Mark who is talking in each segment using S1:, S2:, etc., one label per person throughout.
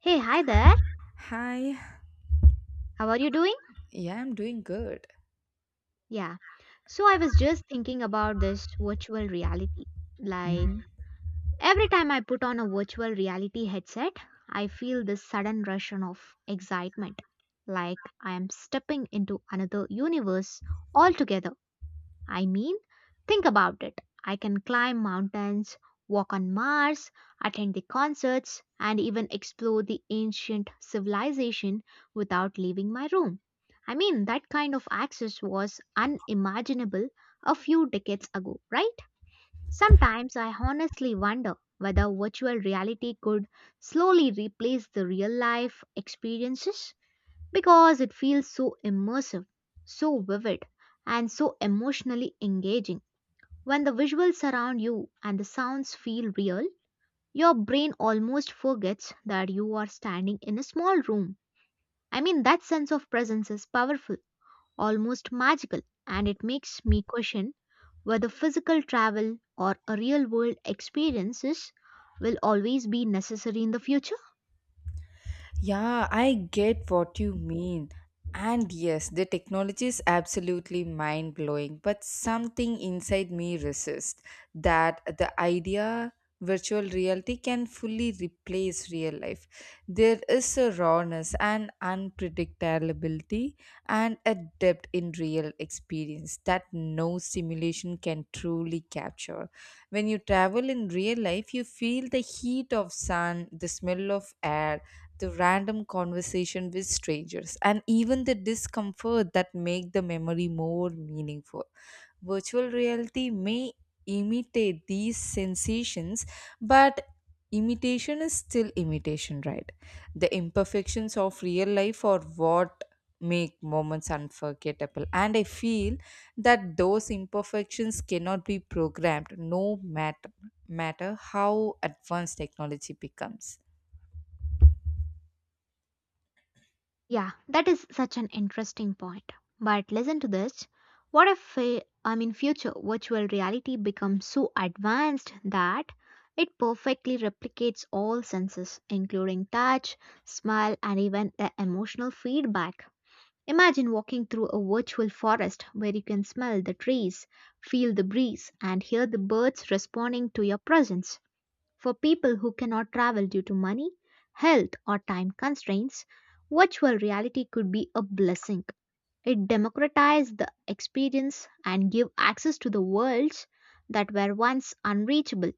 S1: Hey, hi there.
S2: Hi.
S1: How are you doing?
S2: Yeah, I'm doing good.
S1: Yeah. So I was just thinking about this virtual reality. Like
S2: Mhm.
S1: every time I put on a virtual reality headset, I feel this sudden rush of excitement, like I am stepping into another universe altogether. I mean, think about it. I can climb mountains, walk on Mars, attend the concerts, and even explore the ancient civilization without leaving my room. I mean, that kind of access was unimaginable a few decades ago, right? Sometimes I honestly wonder whether virtual reality could slowly replace the real life experiences because it feels so immersive, so vivid, and so emotionally engaging. When the visuals surround you and the sounds feel real, your brain almost forgets that you are standing in a small room. I mean, that sense of presence is powerful, almost magical, and it makes me question whether physical travel or a real world experiences will always be necessary in the future.
S2: Yeah, I get what you mean. And yes, the technology is absolutely mind blowing, but something inside me resists that the idea virtual reality can fully replace real life. There is a rawness and unpredictability and a depth in real experience that no simulation can truly capture. When you travel in real life, you feel the heat of sun, the smell of air, the random conversation with strangers and even the discomfort that make the memory more meaningful virtual reality may imitate these sensations but imitation is still imitation, right? The imperfections of real life are what make moments unforgettable and I feel that those imperfections cannot be programmed no matter matter how advanced technology becomes.
S1: Yeah, that is such an interesting point. But listen to this. What if, I mean, future virtual reality becomes so advanced that it perfectly replicates all senses, including touch, smell, and even the emotional feedback? Imagine walking through a virtual forest where you can smell the trees, feel the breeze, and hear the birds responding to your presence. For people who cannot travel due to money, health, or time constraints, virtual reality could be a blessing. It democratized the experience and give access to the worlds that were once unreachable.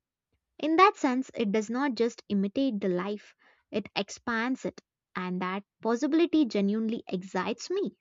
S1: In that sense, it does not just imitate the life, it expands it, and that possibility genuinely excites me.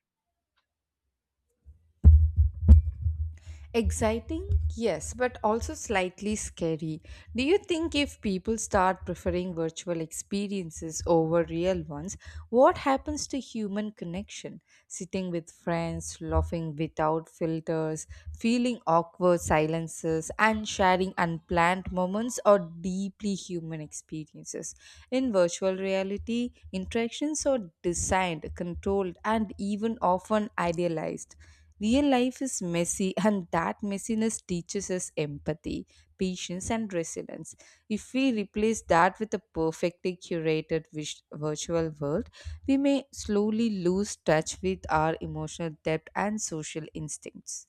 S2: Exciting? Yes, but also slightly scary. Do you think if people start preferring virtual experiences over real ones, what happens to human connection? Sitting with friends, laughing without filters, feeling awkward silences, and sharing unplanned moments or deeply human experiences. In virtual reality, interactions are designed, controlled, and even often idealized. Real life is messy, and that messiness teaches us empathy, patience, and resilience. If we replace that with a perfectly curated virtual world, we may slowly lose touch with our emotional depth and social instincts.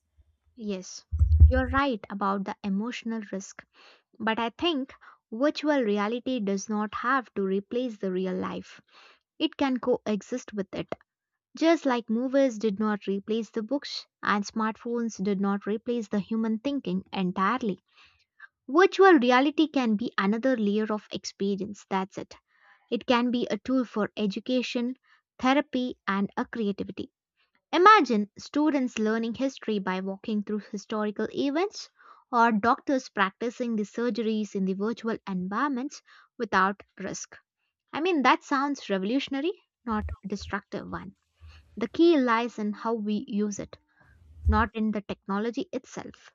S1: Yes, you're right about the emotional risk, but I think virtual reality does not have to replace the real life. It can coexist with it. Just like movies did not replace the books and smartphones did not replace the human thinking entirely. Virtual reality can be another layer of experience, that's it. It can be a tool for education, therapy, and a creativity. Imagine students learning history by walking through historical events or doctors practicing the surgeries in the virtual environments without risk. I mean, that sounds revolutionary, not destructive one. The key lies in how we use it, not in the technology itself.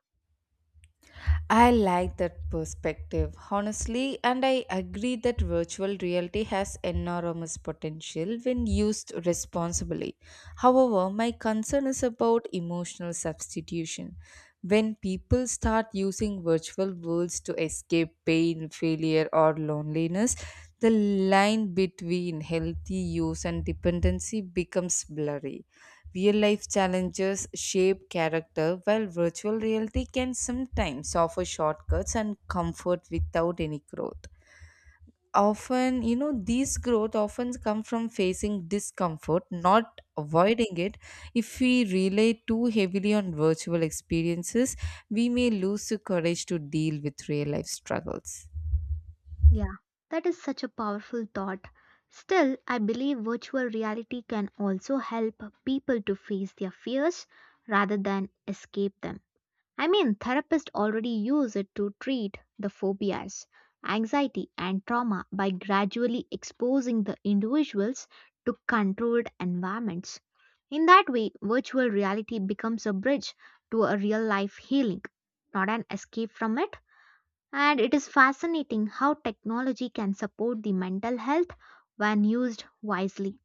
S2: I like that perspective, honestly, and I agree that virtual reality has enormous potential when used responsibly. However, my concern is about emotional substitution. When people start using virtual worlds to escape pain, failure, or loneliness, the line between healthy use and dependency becomes blurry. Real life challenges shape character, while virtual reality can sometimes offer shortcuts and comfort without any growth. Often, these growth often come from facing discomfort, not avoiding it. If we rely too heavily on virtual experiences, we may lose the courage to deal with real life struggles.
S1: Yeah, that is such a powerful thought. Still, I believe virtual reality can also help people to face their fears rather than escape them. I mean, therapists already use it to treat the phobias, anxiety, and trauma by gradually exposing the individuals to controlled environments. In that way, virtual reality becomes a bridge to a real life healing, not an escape from it. And it is fascinating how technology can support the mental health when used wisely.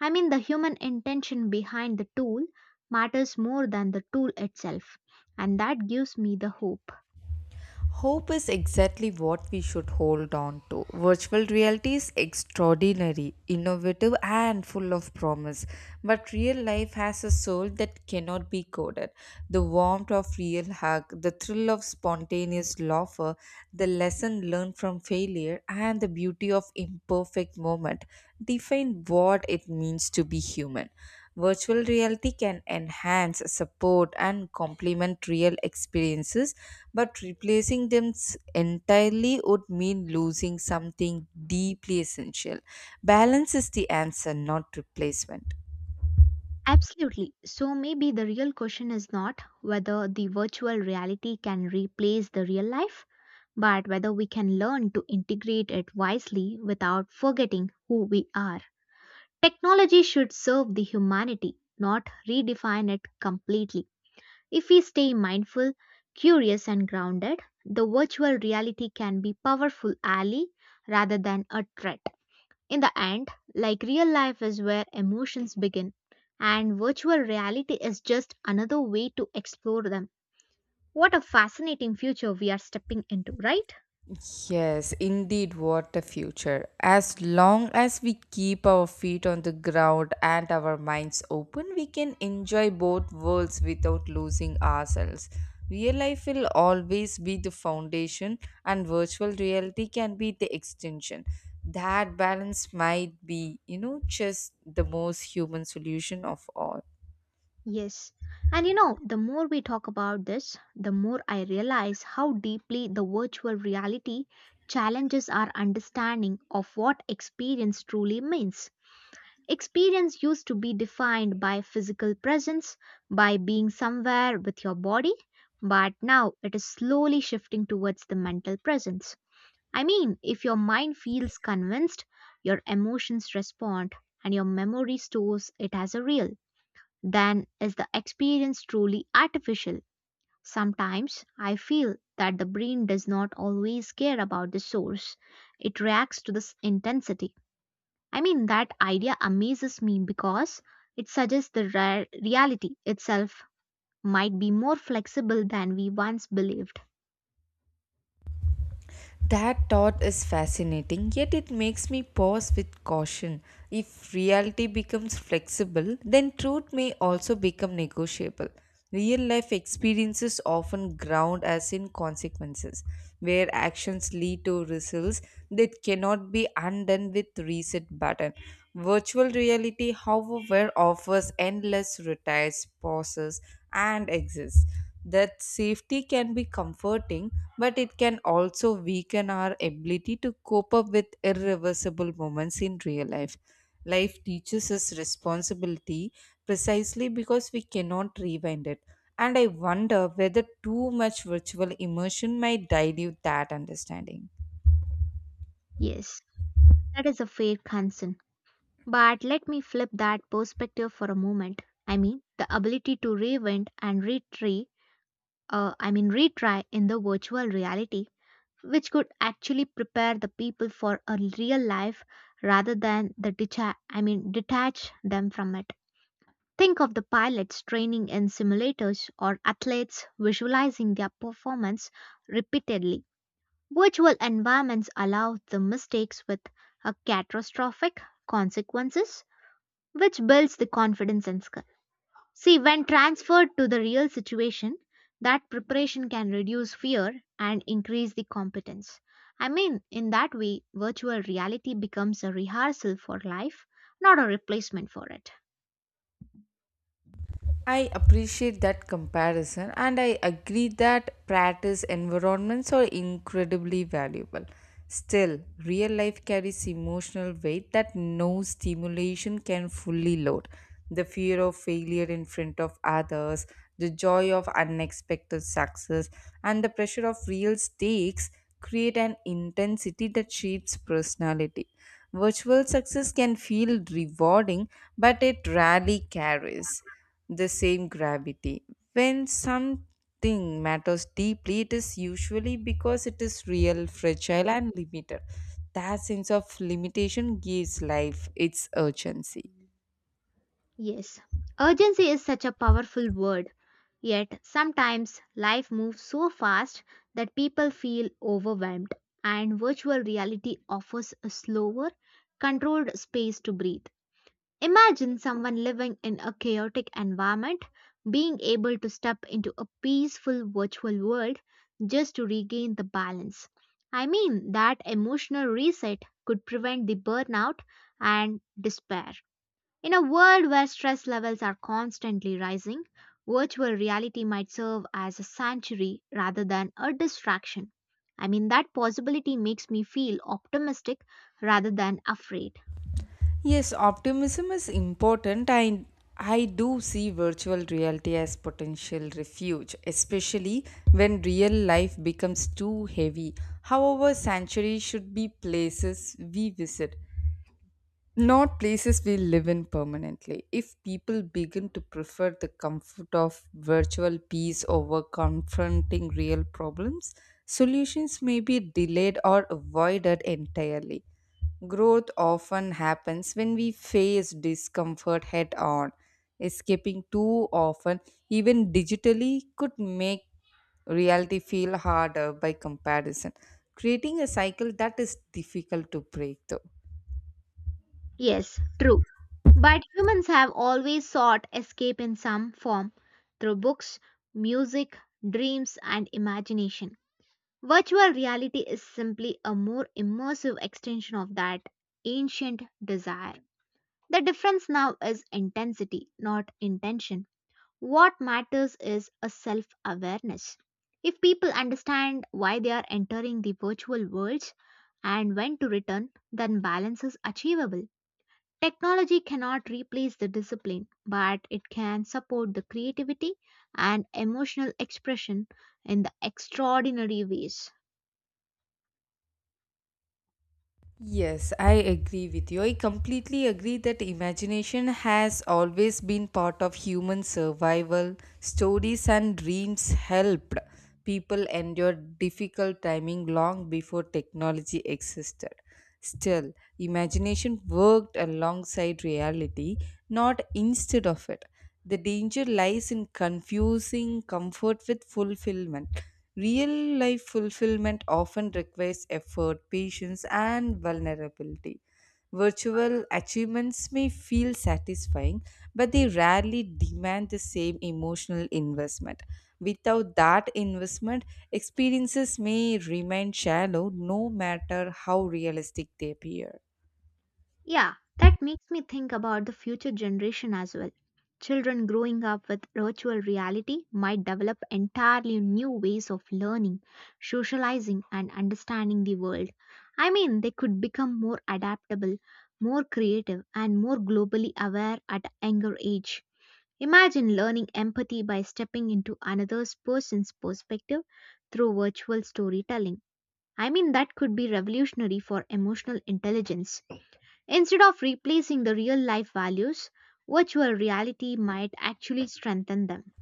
S1: I mean, the human intention behind the tool matters more than the tool itself, and that gives me the hope.
S2: Hope is exactly what we should hold on to. Virtual reality is extraordinary, innovative, and full of promise. But real life has a soul that cannot be coded. The warmth of real hug, the thrill of spontaneous laughter, the lesson learned from failure, and the beauty of imperfect moment define what it means to be human. Virtual reality can enhance, support, and complement real experiences, but replacing them entirely would mean losing something deeply essential. Balance is the answer, not replacement.
S1: Absolutely. So maybe the real question is not whether the virtual reality can replace the real life, but whether we can learn to integrate it wisely without forgetting who we are. Technology should serve the humanity, not redefine it completely. If we stay mindful, curious, and grounded, the virtual reality can be powerful ally rather than a threat. In the end, like real life is where emotions begin, and virtual reality is just another way to explore them. What a fascinating future we are stepping into, right?
S2: Yes, indeed, what a future. As long as we keep our feet on the ground and our minds open, we can enjoy both worlds without losing ourselves. Real life will always be the foundation, and virtual reality can be the extension. That balance might be, just the most human solution of all.
S1: Yes. And you know, the more we talk about this, the more I realize how deeply the virtual reality challenges our understanding of what experience truly means. Experience used to be defined by physical presence, by being somewhere with your body, but now it is slowly shifting towards the mental presence. I mean, if your mind feels convinced, your emotions respond, and your memory stores it as a real, then is the experience truly artificial? Sometimes I feel that the brain does not always care about the source, it reacts to this intensity. I mean, that idea amazes me because it suggests the reality itself might be more flexible than we once believed.
S2: That thought is fascinating, yet it makes me pause with caution. If reality becomes flexible, then truth may also become negotiable. Real life experiences often ground us in consequences, where actions lead to results that cannot be undone with reset button. Virtual reality, however, offers endless retires, pauses, and exists. That safety can be comforting, but it can also weaken our ability to cope up with irreversible moments in real life. Life teaches us responsibility precisely because we cannot rewind it. And I wonder whether too much virtual immersion might dilute that understanding.
S1: Yes, that is a fair concern. But let me flip that perspective for a moment. I mean, the ability to reinvent and I mean, retry in the virtual reality, which could actually prepare the people for a real life rather than I mean, detach them from it. Think of the pilots training in simulators or athletes visualizing their performance repeatedly. Virtual environments allow the mistakes with a catastrophic consequences, which builds the confidence and skill. See, when transferred to the real situation, that preparation can reduce fear and increase the competence. I mean, in that way, virtual reality becomes a rehearsal for life, not a replacement for it.
S2: I appreciate that comparison and I agree that practice environments are incredibly valuable. Still, real life carries emotional weight that no stimulation can fully load. The fear of failure in front of others, the joy of unexpected success, and the pressure of real stakes create an intensity that shapes personality. Virtual success can feel rewarding, but it rarely carries the same gravity. When something matters deeply, it is usually because it is real, fragile, and limited. That sense of limitation gives life its urgency.
S1: Yes, urgency is such a powerful word. Yet sometimes life moves so fast that people feel overwhelmed, and virtual reality offers a slower, controlled space to breathe. Imagine someone living in a chaotic environment being able to step into a peaceful virtual world just to regain the balance. I mean, that emotional reset could prevent the burnout and despair. In a world where stress levels are constantly rising, virtual reality might serve as a sanctuary rather than a distraction. I mean, that possibility makes me feel optimistic rather than afraid.
S2: Yes, optimism is important. I do see virtual reality as potential refuge, especially when real life becomes too heavy. However, sanctuary should be places we visit, not places we live in permanently. If people begin to prefer the comfort of virtual peace over confronting real problems, solutions may be delayed or avoided entirely. Growth often happens when we face discomfort head on. Escaping too often, even digitally, could make reality feel harder by comparison, creating a cycle that is difficult to break through.
S1: Yes, true. But humans have always sought escape in some form through books, music, dreams, and imagination. Virtual reality is simply a more immersive extension of that ancient desire. The difference now is intensity, not intention. What matters is a self awareness. If people understand why they are entering the virtual worlds and when to return, then balance is achievable. Technology cannot replace the discipline, but it can support the creativity and emotional expression in the extraordinary ways.
S2: Yes, I agree with you. I completely agree that imagination has always been part of human survival. Stories and dreams helped people endure difficult timing long before technology existed. Still, imagination worked alongside reality, not instead of it. The danger lies in confusing comfort with fulfillment. Real life fulfillment often requires effort, patience, and vulnerability. Virtual achievements may feel satisfying, but they rarely demand the same emotional investment. Without that investment, experiences may remain shallow no matter how realistic they appear.
S1: Yeah, that makes me think about the future generation as well. Children growing up with virtual reality might develop entirely new ways of learning, socializing, and understanding the world. I mean, they could become more adaptable, more creative, and more globally aware at a younger age. Imagine learning empathy by stepping into another person's perspective through virtual storytelling. I mean, that could be revolutionary for emotional intelligence. Instead of replacing the real life values, virtual reality might actually strengthen them.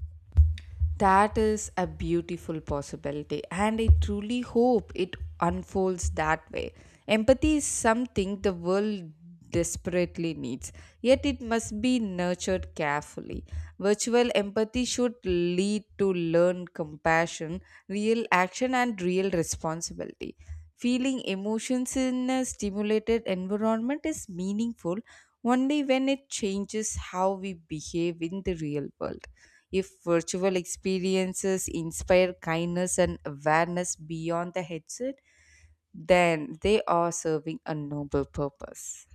S2: That is a beautiful possibility, and I truly hope it unfolds that way. Empathy is something the world desperately needs, yet it must be nurtured carefully. Virtual empathy should lead to learned compassion, real action, and real responsibility. Feeling emotions in a stimulated environment is meaningful only when it changes how we behave in the real world. If virtual experiences inspire kindness and awareness beyond the headset, then they are serving a noble purpose.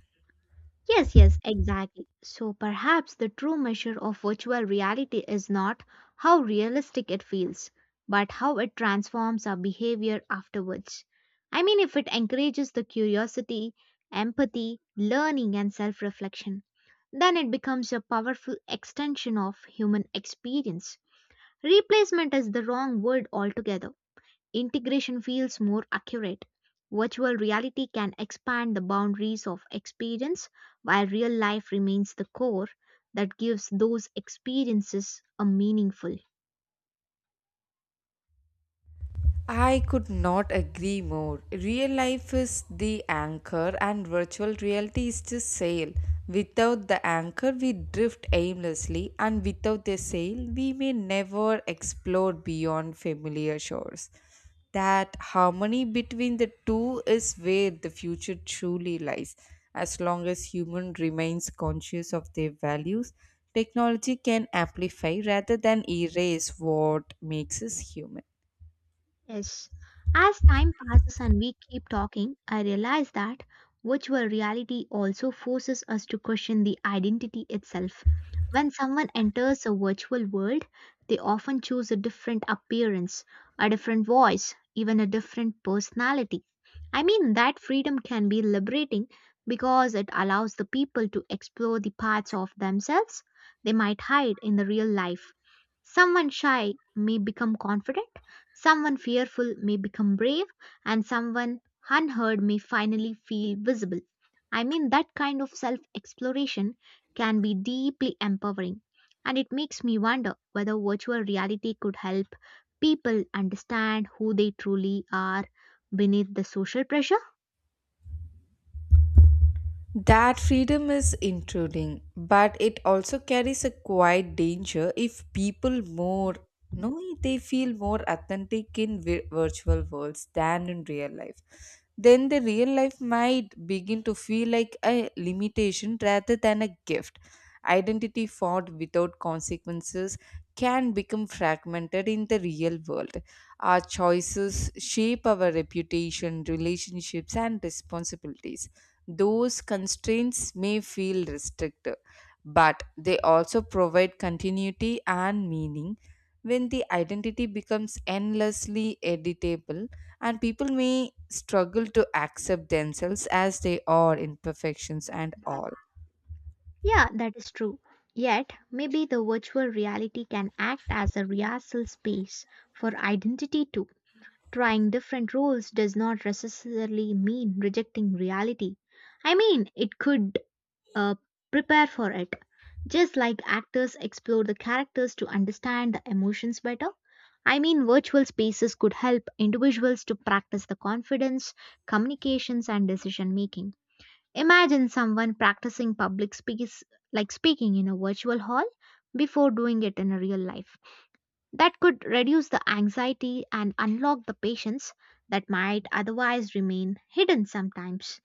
S1: Yes, yes, exactly. So perhaps the true measure of virtual reality is not how realistic it feels, but how it transforms our behavior afterwards. I mean, if it encourages the curiosity, empathy, learning, and self reflection, then it becomes a powerful extension of human experience. Replacement is the wrong word altogether. Integration feels more accurate. Virtual reality can expand the boundaries of experience while real life remains the core that gives those experiences a meaningful.
S2: I could not agree more. Real life is the anchor, and virtual reality is the sail. Without the anchor, we drift aimlessly, and without the sail, we may never explore beyond familiar shores. That harmony between the two is where the future truly lies. As long as human remains conscious of their values, technology can amplify rather than erase what makes us human.
S1: Yes. As time passes and we keep talking, I realize that virtual reality also forces us to question the identity itself. When someone enters a virtual world, they often choose a different appearance, a different voice, even a different personality. I mean, that freedom can be liberating because it allows the people to explore the parts of themselves they might hide in the real life. Someone shy may become confident. Someone fearful may become brave, and someone unheard may finally feel visible. I mean, that kind of self exploration can be deeply empowering, and it makes me wonder whether virtual reality could help people understand who they truly are beneath the social pressure.
S2: That freedom is intruding, but it also carries a quiet danger if people more no, they feel more authentic in virtual worlds than in real life then the real life might begin to feel like a limitation rather than a gift. Identity fought without consequences can become fragmented in the real world. Our choices shape our reputation, relationships, and responsibilities. Those constraints may feel restrictive, but they also provide continuity and meaning. When the identity becomes endlessly editable, and people may struggle to accept themselves as they are imperfections and all.
S1: Yeah, that is true. Yet, maybe the virtual reality can act as a rehearsal space for identity too. Trying different roles does not necessarily mean rejecting reality. I mean, it could uh, prepare for it. Just like actors explore the characters to understand the emotions better, I mean, virtual spaces could help individuals to practice the confidence, communications, and decision making. Imagine someone practicing public speaks like speaking in a virtual hall before doing it in a real life that could reduce the anxiety and unlock the patience that might otherwise remain hidden sometimes.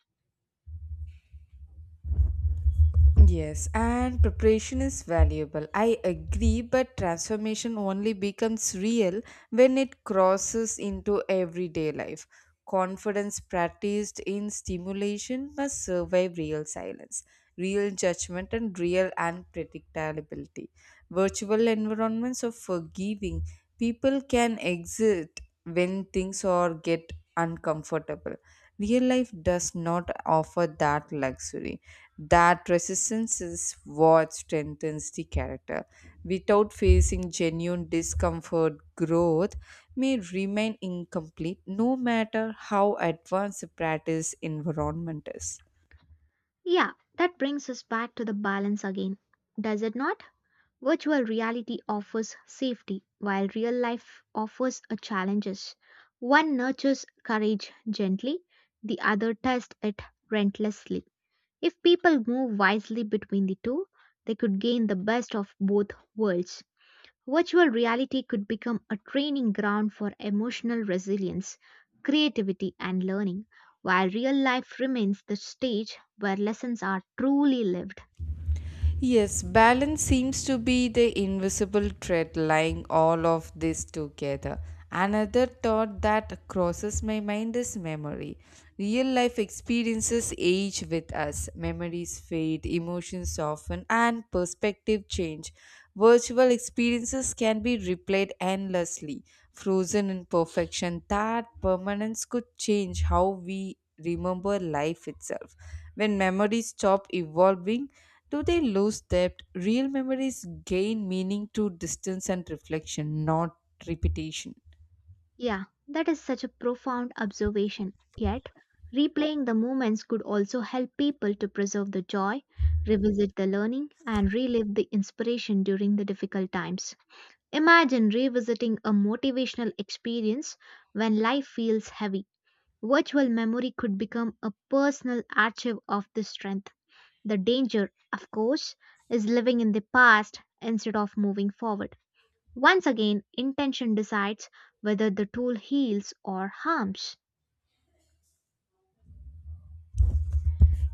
S2: Yes, and preparation is valuable. I agree, but transformation only becomes real when it crosses into everyday life. Confidence practiced in stimulation must survive real silence, real judgment, and real unpredictability. Virtual environments are forgiving. People can exit when things or get uncomfortable. Real life does not offer that luxury that resistance is what strengthens the character. Without facing genuine discomfort, growth may remain incomplete no matter how advanced the practice environment is.
S1: Yeah, that brings us back to the balance again, does it not? Virtual reality offers safety, while real life offers a challenges. One nurtures courage gently, the other tests it relentlessly. If people move wisely between the two, they could gain the best of both worlds. Virtual reality could become a training ground for emotional resilience, creativity, and learning, while real life remains the stage where lessons are truly lived.
S2: Yes, balance seems to be the invisible thread lying all of this together. Another thought that crosses my mind is memory. Real life experiences age with us, memories fade, emotions soften, and perspective change. Virtual experiences can be replayed endlessly, frozen in perfection. That permanence could change how we remember life itself. When memories stop evolving, do they lose depth? Real memories gain meaning to distance and reflection, not repetition.
S1: Yeah, that is such a profound observation. Yet, replaying the moments could also help people to preserve the joy, revisit the learning, and relive the inspiration during the difficult times. Imagine revisiting a motivational experience when life feels heavy. Virtual memory could become a personal archive of this strength. The danger, of course, is living in the past instead of moving forward. Once again, intention decides whether the tool heals or harms.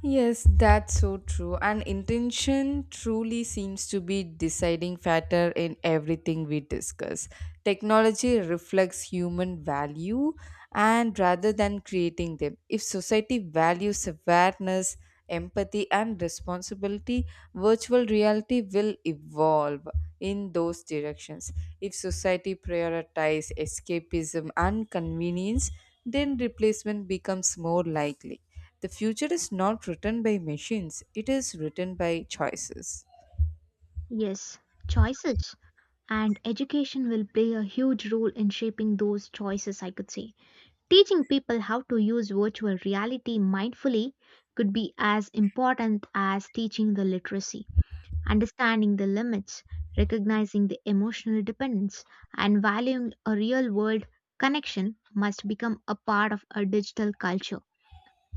S2: Yes, that's so true. And intention truly seems to be deciding factor in everything we discuss. Technology reflects human value and rather than creating them. If society values awareness, empathy and responsibility, virtual reality will evolve in those directions. If society prioritize escapism and convenience, then replacement becomes more likely the future is not written by machines, it is written by choices.
S1: Yes, choices. And education will play a huge role in shaping those choices, I could say. Teaching people how to use virtual reality mindfully could be as important as teaching the literacy. Understanding the limits, recognizing the emotional dependence, and valuing a real world connection must become a part of a digital culture.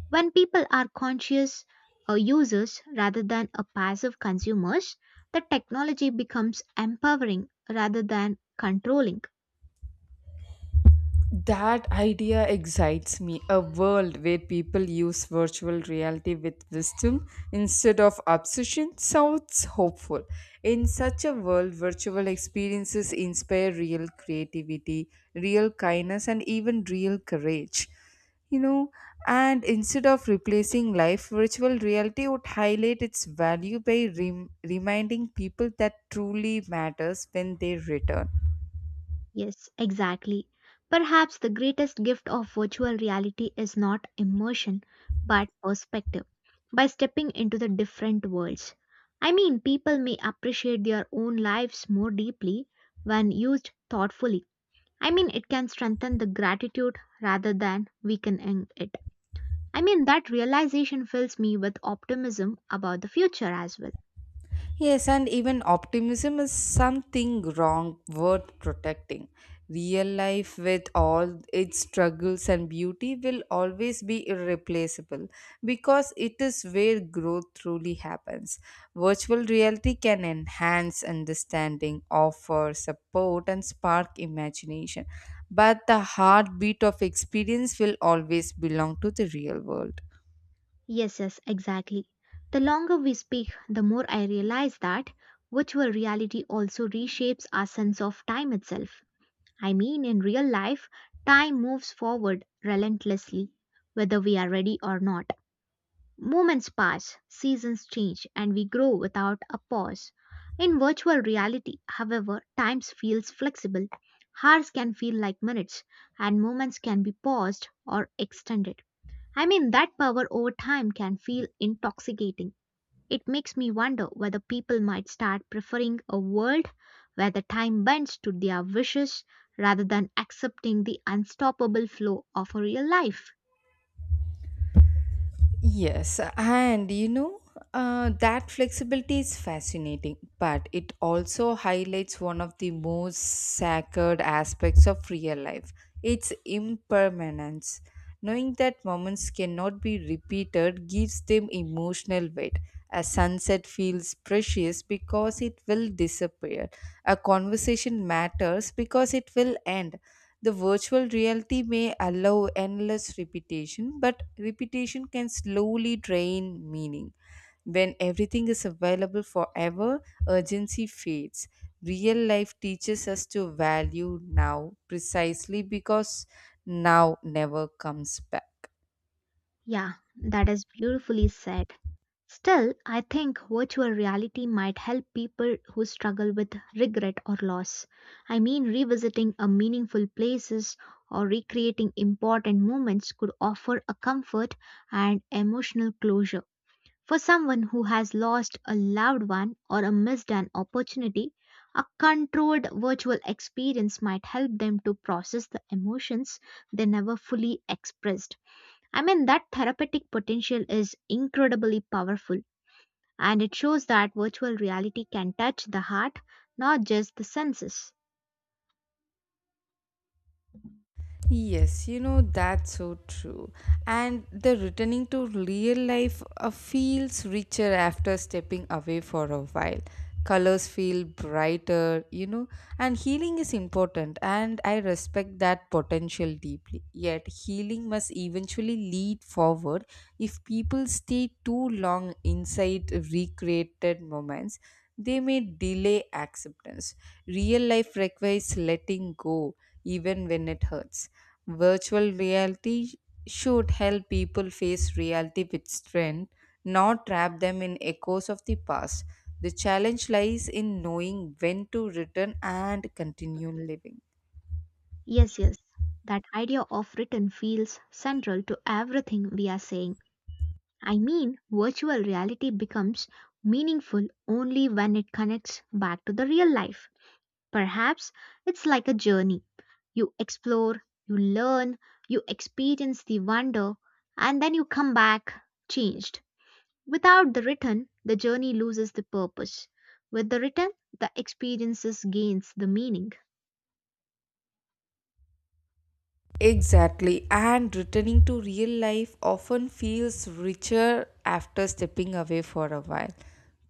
S1: When people are conscious users rather than a passive consumers, the technology becomes empowering rather than controlling.
S2: That idea excites me. A world where people use virtual reality with wisdom instead of obsession sounds hopeful. In such a world, virtual experiences inspire real creativity, real kindness, and even real courage. You know, and instead of replacing life, virtual reality would highlight its value by reminding people that truly matters when they return.
S1: Yes, exactly. Perhaps the greatest gift of virtual reality is not immersion, but perspective. By stepping into the different worlds. I mean, people may appreciate their own lives more deeply when used thoughtfully. I mean, it can strengthen the gratitude rather than weakening it. I mean, that realization fills me with optimism about the future as well.
S2: Yes, and even optimism is something wrong worth protecting. Real life, with all its struggles and beauty, will always be irreplaceable because it is where growth truly happens. Virtual reality can enhance understanding, offer support, and spark imagination, but the heartbeat of experience will always belong to the real world.
S1: Yes, yes, exactly. The longer we speak, the more I realize that virtual reality also reshapes our sense of time itself. I mean, in real life, time moves forward relentlessly, whether we are ready or not. Moments pass, seasons change, and we grow without a pause. In virtual reality, however, time feels flexible. Hours can feel like minutes, and moments can be paused or extended. I mean, that power over time can feel intoxicating. It makes me wonder whether people might start preferring a world where the time bends to their wishes rather than accepting the unstoppable flow of a real life.
S2: Yes, and that flexibility is fascinating, but it also highlights one of the most sacred aspects of real life its impermanence. Knowing that moments cannot be repeated gives them emotional weight. A sunset feels precious because it will disappear. A conversation matters because it will end. The virtual reality may allow endless repetition, but repetition can slowly drain meaning. When everything is available forever, urgency fades. Real life teaches us to value now precisely because now never comes back.
S1: Yeah, that is beautifully said. Still, I think virtual reality might help people who struggle with regret or loss. I mean, revisiting a meaningful places or recreating important moments could offer a comfort and emotional closure. For someone who has lost a loved one or a missed an opportunity, a controlled virtual experience might help them to process the emotions they never fully expressed. I mean, that therapeutic potential is incredibly powerful and it shows that virtual reality can touch the heart, not just the senses.
S2: Yes, you know, that's so true. And the returning to real life feels richer after stepping away for a while. Colors feel brighter, you know, and healing is important, and I respect that potential deeply. Yet, healing must eventually lead forward. If people stay too long inside recreated moments, they may delay acceptance. Real life requires letting go, even when it hurts. Virtual reality should help people face reality with strength, not trap them in echoes of the past. The challenge lies in knowing when to return and continue living.
S1: Yes, yes, that idea of written feels central to everything we are saying. I mean, virtual reality becomes meaningful only when it connects back to the real life. Perhaps it's like a journey. You explore, you learn, you experience the wonder, and then you come back changed. Without the written, the journey loses the purpose. With the written, the experiences gains the meaning.
S2: Exactly, and returning to real life often feels richer after stepping away for a while.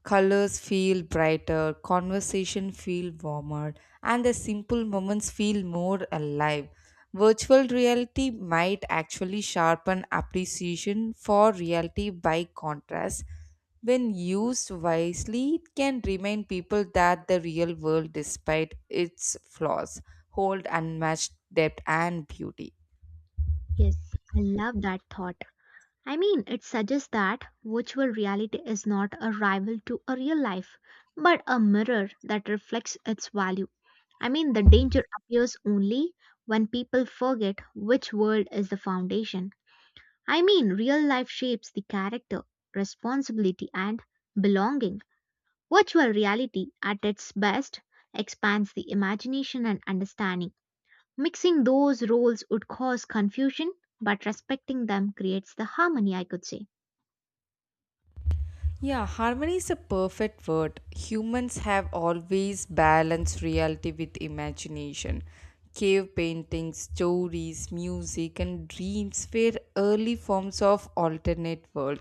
S2: Colors feel brighter, conversation feel warmer, and the simple moments feel more alive. Virtual reality might actually sharpen appreciation for reality by contrast, when used wisely, it can remind people that the real world, despite its flaws, hold unmatched depth and beauty.
S1: Yes, I love that thought. I mean, it suggests that virtual reality is not a rival to a real life, but a mirror that reflects its value. I mean, the danger appears only when people forget which world is the foundation. I mean, real life shapes the character, responsibility, and belonging. Virtual reality, at its best, expands the imagination and understanding. Mixing those roles would cause confusion, but respecting them creates the harmony, I could say.
S2: Yeah, harmony is a perfect word. Humans have always balanced reality with imagination. Cave paintings, stories, music, and dreams were early forms of alternate world.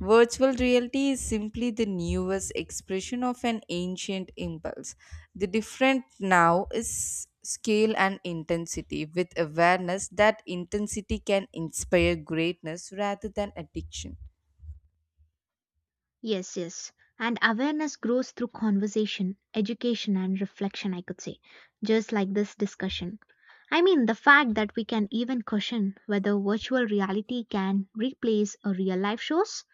S2: Virtual reality is simply the newest expression of an ancient impulse. The different now is scale and intensity, with awareness that intensity can inspire greatness rather than addiction.
S1: Yes, yes. And awareness grows through conversation, education, and reflection, I could say, just like this discussion. I mean, the fact that we can even question whether virtual reality can replace a real life shows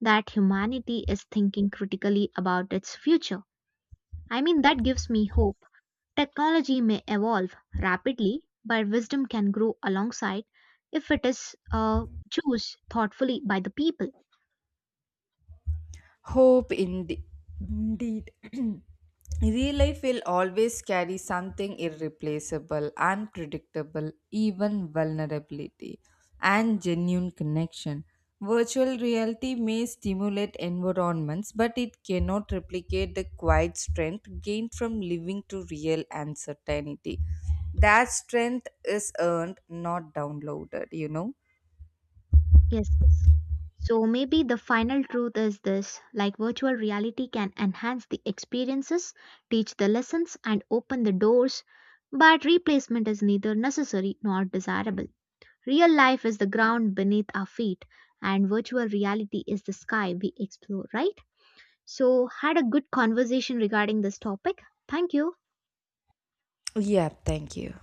S1: that humanity is thinking critically about its future. I mean, that gives me hope. Technology may evolve rapidly, but wisdom can grow alongside if it is choose thoughtfully by the people.
S2: Hope ind- indeed. Real life will always carry something irreplaceable, unpredictable, even vulnerability, and genuine connection. Virtual reality may stimulate environments, but it cannot replicate the quiet strength gained from living to real uncertainty. That strength is earned, not downloaded, you know?
S1: Yes, yes. So maybe the final truth is this like virtual reality can enhance the experiences, teach the lessons, and open the doors, but replacement is neither necessary nor desirable. Real life is the ground beneath our feet, and virtual reality is the sky we explore, right? So, had a good conversation regarding this topic. Thank you.
S2: Yeah, thank you.